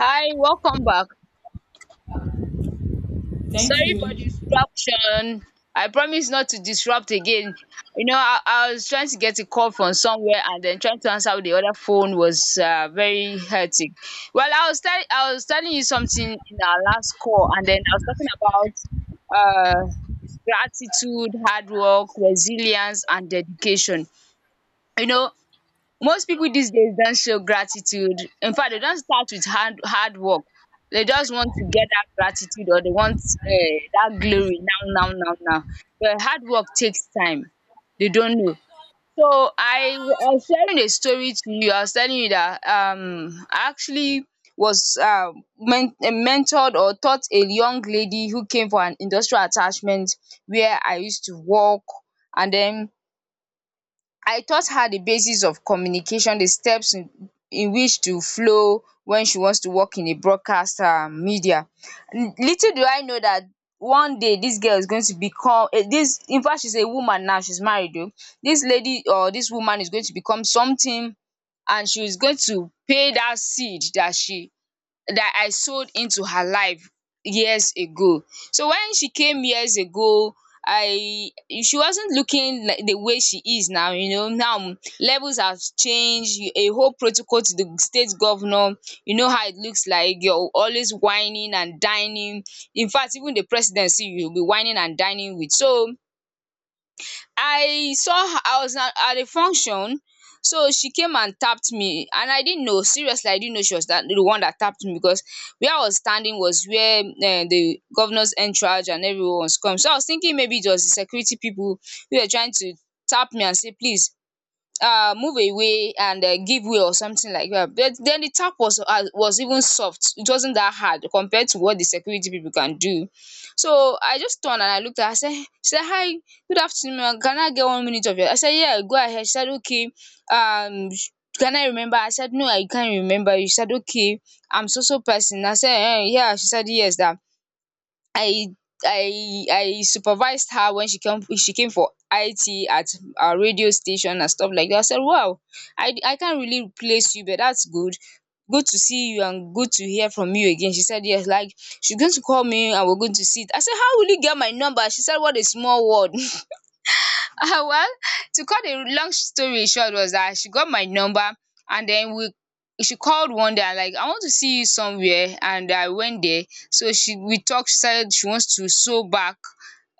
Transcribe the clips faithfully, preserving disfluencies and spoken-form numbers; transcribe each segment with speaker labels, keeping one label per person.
Speaker 1: Hi, welcome back.
Speaker 2: Thank
Speaker 1: Sorry for
Speaker 2: you.
Speaker 1: disruption. I promise not to disrupt again. You know, I, I was trying to get a call from somewhere and then trying to answer with the other phone was uh, very hectic. Well, I was tell I was telling you something in our last call, and then I was talking about uh, gratitude, hard work, resilience, and dedication. You know, most people these days don't show gratitude. In fact, they don't start with hard hard work. They just want to get that gratitude or they want um dat glory now now now now. But hard work takes time. They don't know. So, I w- I was sharing a story to you. I was telling you that um I actually was um men eh, mentored or taught a young lady who came for an industrial attachment where I used to work and then. I taught her the basis of communication, the steps in in which to flow when she wants to work in a broadcast um media. Little do I know that one day dis girl is going to become dis infact she's a woman now, she's married oo. Dis lady or dis woman is going to become something, and she is going to pay dat seed dat she that I sold into her life years ago. So when she came years ago, I she wasn't looking like the way she is now, you know. Now um, levels have changed, a whole protocol to the state governor. You know how it looks like. You're always whining and dining. In fact, even the presidency you'll be whining and dining with. So I saw her, I was at at a function. So she came and tapped me and I didn't know, seriously I didn't know she was that the one that tapped me, because where I was standing was where um the governor's entourage and everyone was come. So I was thinking maybe it was the security people who were trying to tap me and say please uh, move away and uh, give way or something like that. But then the tap was uh, was even soft. It wasn't that hard compared to what the security people can do. So I just turned and I looked at her. I said, she said, hi, good afternoon, ma'am. Can I get one minute of your? I said, yeah, go ahead. She said, okay. Um, sh- can I remember? I said, no, I can't remember. She said, okay, I'm so so person. I said, eh, yeah. She said, yes, that I I I supervised her when she came she came for I T at our radio station and stuff like that. I said, wow, I, I can't really replace you, but that's good. Good to see you and good to hear from you again. She said, yes, like she's going to call me and we're going to sit. I said, how will you get my number? She said, what a small world. Ah, well, to cut a long story short was that she got my number, and then we she called one day and like I want to see you somewhere, and I went there. So she we talked, she said she wants to sew back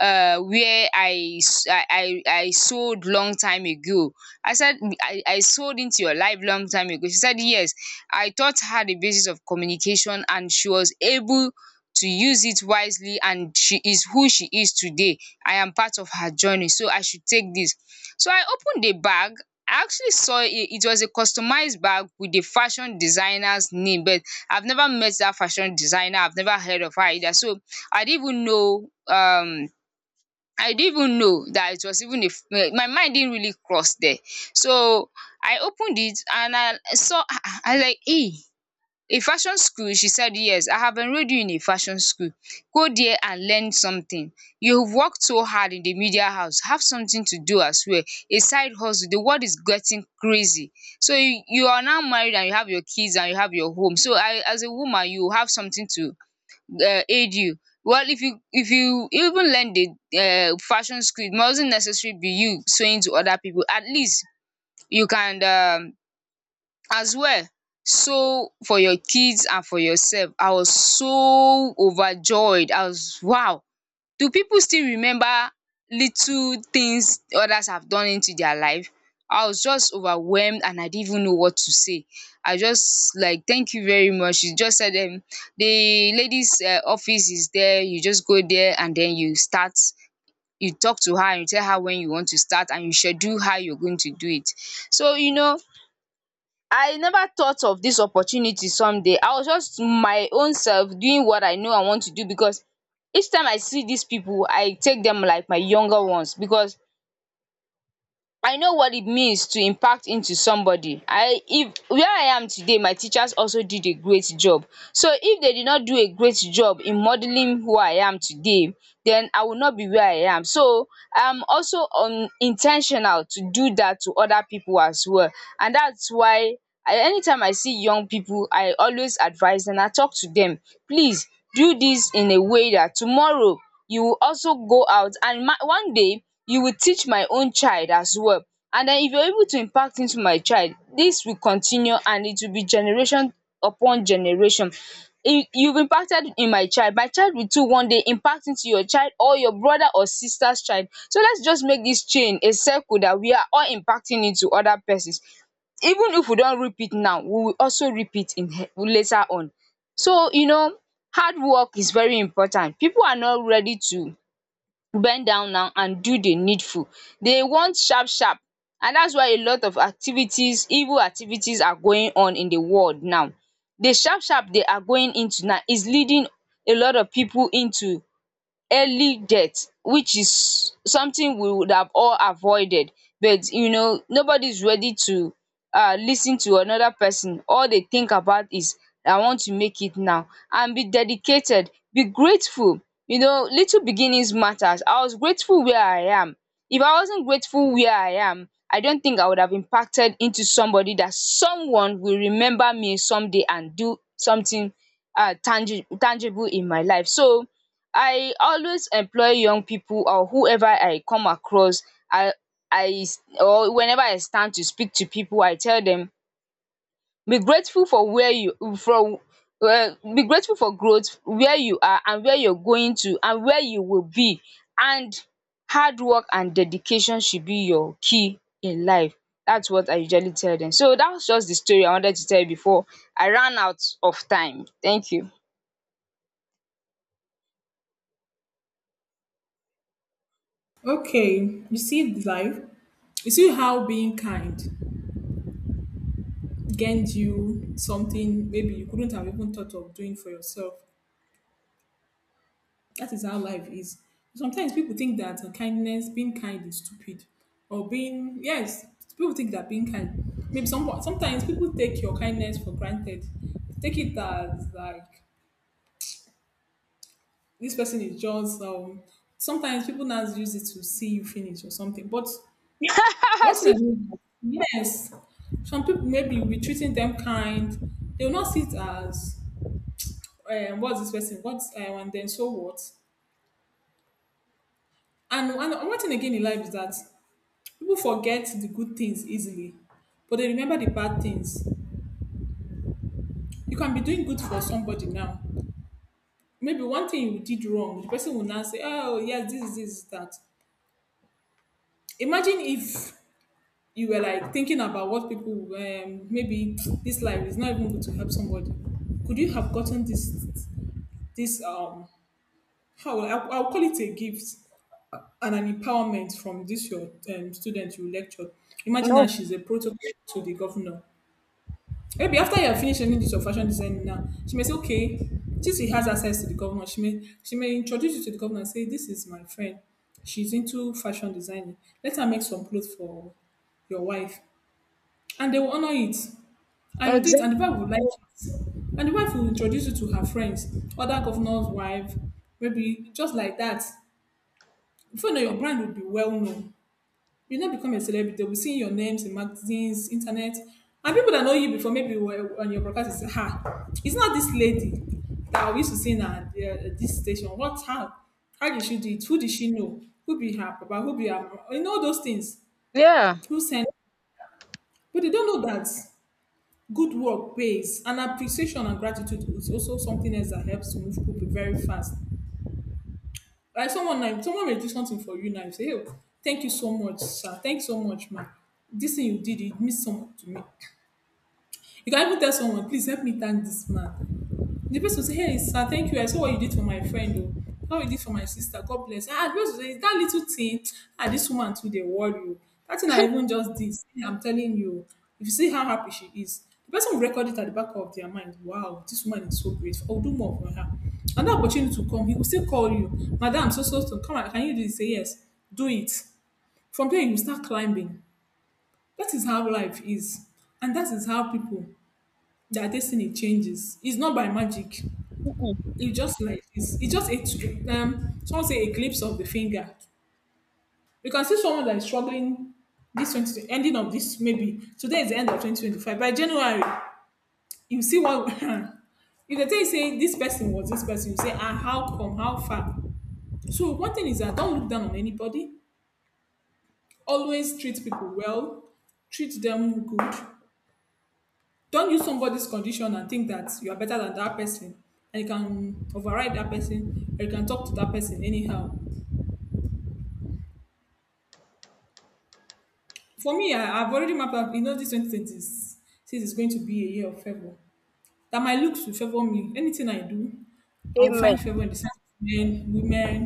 Speaker 1: uh where I s- I I, I sewed long time ago. I said I, I sewed into your life long time ago. She said yes. I taught her the basis of communication and she was able to use it wisely and she is who she is today. I am part of her journey so I should take this. So I opened the bag. I actually saw it it was a customized bag with the fashion designer's name, but I've never met that fashion designer. I've never heard of her either. So I didn't even know um I didn't even know that it was even a f- eh, my mind didn't really cross there. So I opened it and I saw ah ah I like eh a fashion school? She said, yes, I have enrolled you in a fashion school. Go there and learn something. You've worked so hard in the media house. Have something to do as well. A side hustle. The world is getting crazy. So you, you are now married and you have your kids and you have your home. So I, as a woman, you have something to uh, aid you. Well, if you if you even learn the uh, fashion school, it mustn't necessarily be you sewing to other people. At least you can um, as well so for your kids and for yourself. I was so overjoyed. I was wow, do people still remember little things others have done into their life? I was just overwhelmed and I didn't even know what to say. I just like, thank you very much. You just said them, the ladies um office is there, you just go there and then you start, you talk to her and you tell her when you want to start and you schedule how you're going to do it. So you know, I never thought of this opportunity someday. I was just my own self doing what I know I want to do, because each time I see these people I take them like my younger ones, because I know what it means to impact into somebody. I If where I am today my teachers also did a great job. So if they did not do a great job in modelling who I am today then I will not be where I am. So I'm also um in to do that to other people as well, and that's why I, anytime I see young people, I always advise and I talk to them: please do this in a way that tomorrow you will also go out and ma- one day you will teach my own child as well, and den if you're able to impact into my child dis will continue and it will be generation upon generation. You, you've impacted in my child, my child will too one day impact into your child or your brother or sister's child, so let's just make dis chain a circle that we are all impacting into other persons, even if we don reap it now we will also reap it in later on. So you know, hard work is very important, people are not ready to bend down now and do the needful. They want sharp sharp, and that's why a lot of activities, evil activities are going on in the world now. The sharp sharp they are going into now is leading a lot of people into early death, which is something we would have all avoided, but you know nobody's ready to uh lis to another person. All they think about is I want to make it now and be dedicated, be grateful. You know, little beginnings matters. I was grateful where I am. If I wasn't grateful where I am I don't think I would have impacted into somebody that someone will remember me someday and do something um tangi tangible in my life. So I always employ young people or whoever I come across. i i s- or whenever I stand to speak to people I tell them: be grateful for where you from. Um be grateful for growth, where you are and where you're going to and where you will be. And hard work and dedication should be your key in life. That's what I usually tell them. So that was just the story I wanted to tell you before I ran out of time. Thank you.
Speaker 2: Okay, you see the life. You see how being kind gained you something maybe you couldn't have even thought of doing for yourself. That is how life is. Sometimes people think that uh, kindness, being kind, is stupid, or being yes, people think that being kind. Maybe some sometimes people take your kindness for granted. Take it as like this person is just um. Sometimes people now use it to see you finish or something, but what
Speaker 1: As
Speaker 2: I
Speaker 1: if-
Speaker 2: mean is, yes, some people maybe will be treating them kind. They will not see it as, um, what's this person? What's, I want? Then so what? And, and one thing again in life is that people forget the good things easily, but they remember the bad things. You can be doing good for somebody now. Maybe one thing you did wrong, the person will now say, oh, yes, this, this, that. Imagine if you were like thinking about what people, um, maybe this life is not even good to help somebody, could you have gotten this this um how will I, I'll call it a gift and an empowerment from this your um, student you lecture. Imagine now
Speaker 1: No.
Speaker 2: she's a protocol to the governor. Maybe after you have finished learning this your fashion design now, she may say, okay, since he has access to the governor, she may she may introduce you to the governor and say, this is my friend. She's into fashion designing. Let her make some clothes for your wife. And they will honor it. And you did,
Speaker 1: Exactly.
Speaker 2: and the wife will like it. And the wife will introduce you to her friends, other governor's wife, maybe just like that. Before you know, your brand will be well known. You not become a celebrity. They'll be seeing your names in magazines, internet. And people that know you before, maybe were on your broadcast, is ha, it's not this lady that we used to see in uh, this station. What how? How did she do it? Who did she know? Who be her papa? Who be her mama? You know those things.
Speaker 1: Yeah.
Speaker 2: Who sent? But they don't know that good work pays. And appreciation and gratitude is also something else that helps to move people very fast. Like someone now, someone may do something for you now. You say, "Oh, thank you so much, sir. Thank you so much, ma. This thing you did, it means so much to me." You can even tell someone, "Please help me thank this man." The person will say, hey, sir, thank you. I saw what you did for my friend, oh. How you did for my sister. God bless. Ah, the person will say, "It's that little thing, ah, this woman too, they worry you. That thing I even just did. See, I'm telling you. If you see how happy she is, the person will record it at the back of their mind. Wow, this woman is so grateful. I'll do more for her. And the opportunity to come, he will still call you, Madam, so so so. Come on, can you do this?" Say yes, do it. From there, you start climbing. That is how life is. And that is how people, their destiny changes. It's not by magic. It just like it's, it's just a um someone say a glimpse of the finger. You can see someone that is struggling this twenty ending of this, maybe today is the end of twenty twenty five by January. You see what? If they tell you say this person was this person, you say, ah, how come? How far? So one thing is that don't look down on anybody. Always treat people well. Treat them good. Don't use somebody's condition and think that you are better than that person, and you can override that person or you can talk to that person anyhow. For me, I, I've already mapped out, you know, this twenty twenty six is going to be a year of favor. That my looks will favor me. Anything I do, I'll
Speaker 1: Amen.
Speaker 2: find favor in the sight of men, women,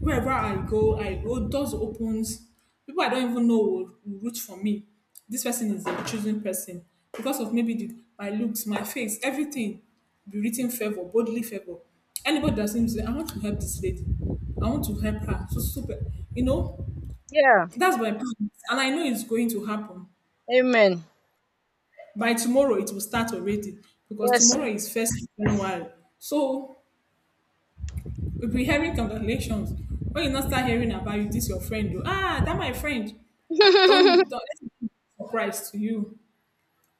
Speaker 2: wherever I go, I go, doors opens. People I don't even know will, will root for me. This person is a chosen person because of maybe the, my looks, my face, everything be written favor, boldly favor. Anybody that seems, to say, I want to help this lady, I want to help her. So super, you know,
Speaker 1: Yeah.
Speaker 2: that's my plan, and I know it's going to happen
Speaker 1: Amen.
Speaker 2: by tomorrow. It will start already because
Speaker 1: Yes.
Speaker 2: tomorrow is first of January. So we'll be hearing congratulations. When you not start hearing about you, this your friend do. Ah, that my friend.
Speaker 1: Well,
Speaker 2: Don't, don't let it be a surprise to you.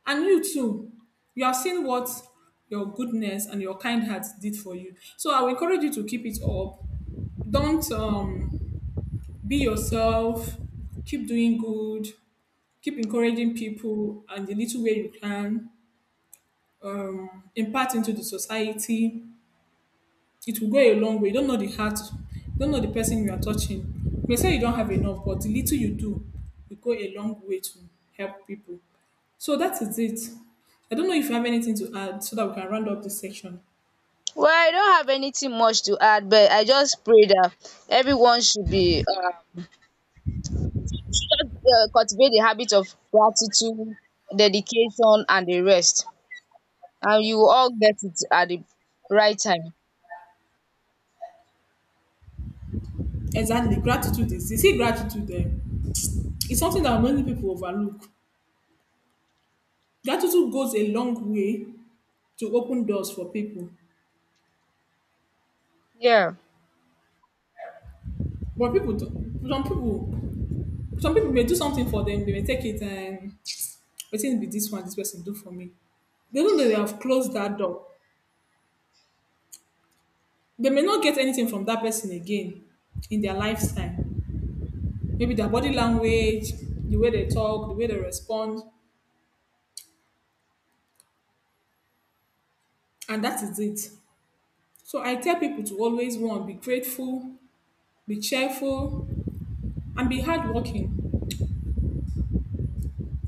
Speaker 2: And you too. You have seen what your goodness and your kind heart did for you. So I will encourage you to keep it up. Don't um, be yourself. Keep doing good. Keep encouraging people, and the little way you can um, impact into the society. It will go a long way. You don't know the heart, you don't know the person you are touching. You may say you don't have enough, but the little you do will go a long way to help people. So that is it. I don't know if you have anything to add so that we can round up this section.
Speaker 1: I don't have anything much to add, but I just pray that everyone should be uh, should just, uh, cultivate the habit of gratitude, dedication, and the rest, and you will all get it at the right time.
Speaker 2: Exactly. Gratitude is You see gratitude there. It's something that many people overlook. Gratitude goes a long way to open doors for people.
Speaker 1: Yeah.
Speaker 2: But people don't some people some people may do something for them, they may take it and wetin be this one this person do for me. Even though they have closed that door, they may not get anything from that person again in their lifetime. Maybe their body language, the way they talk, the way they respond, and that is it. So I tell people to always one, be grateful, be cheerful, and be hardworking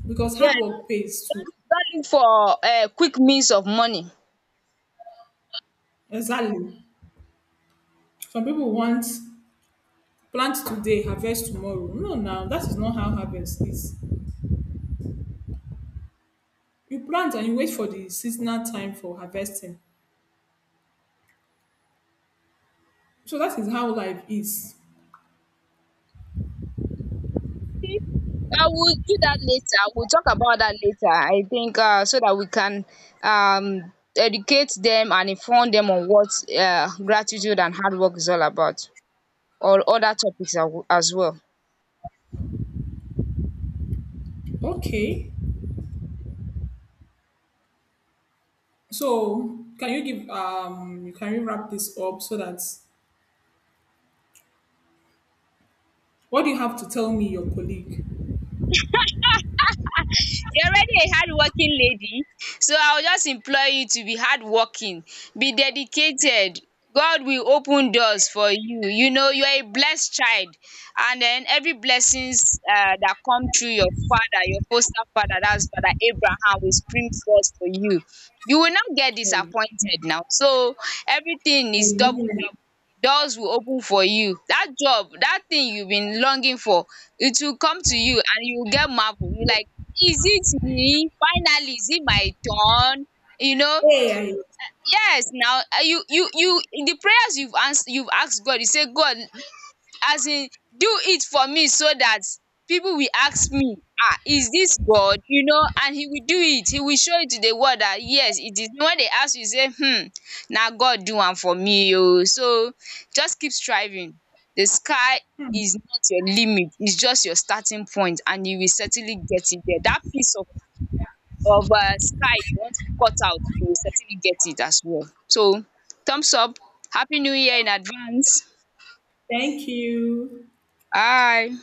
Speaker 2: because
Speaker 1: Yeah.
Speaker 2: hard work pays too.
Speaker 1: Don't look for uh, quick means of money.
Speaker 2: Exactly. Some people want plant today, harvest tomorrow. No, now that is not how harvest is. You plant and you wait for the seasonal time for harvesting. So that is how life is.
Speaker 1: I will do that later. We'll talk about that later. I think uh, so that we can um, educate them and inform them on what uh, gratitude and hard work is all about, or other topics as as well.
Speaker 2: Okay. So can you give um can you wrap this up so that what do you have to tell me your colleague?
Speaker 1: You're already a hardworking lady, so I will just implore you to be hardworking, be dedicated. God will open doors for you. You know, you are a blessed child, and then every blessings uh, that come through your father, your foster father, that's Father Abraham, will spring forth for you. You will not get
Speaker 2: Hey.
Speaker 1: disappointed now. So everything is double double. Doors will open for you. That job, that thing you've been longing for, it will come to you and you will get marvel. You like, is it me? Finally, is it my turn? You know,
Speaker 2: Hey,
Speaker 1: yes now uh, you you you in the prayers you've asked you've asked God, you say God, as in do it for me so that people will ask me, ah, is this God? You know, and he will do it. He will show it to the world that yes, it is. When they ask you, say, hmm, now God do one for me. Oh. So just keep striving. The sky is not your limit, it's just your starting point, and you will certainly get it there. That peace of of um sky you want to cut out you will certainly get it as well. So thumbs up, happy new year in advance.
Speaker 2: thank you.
Speaker 1: Bye.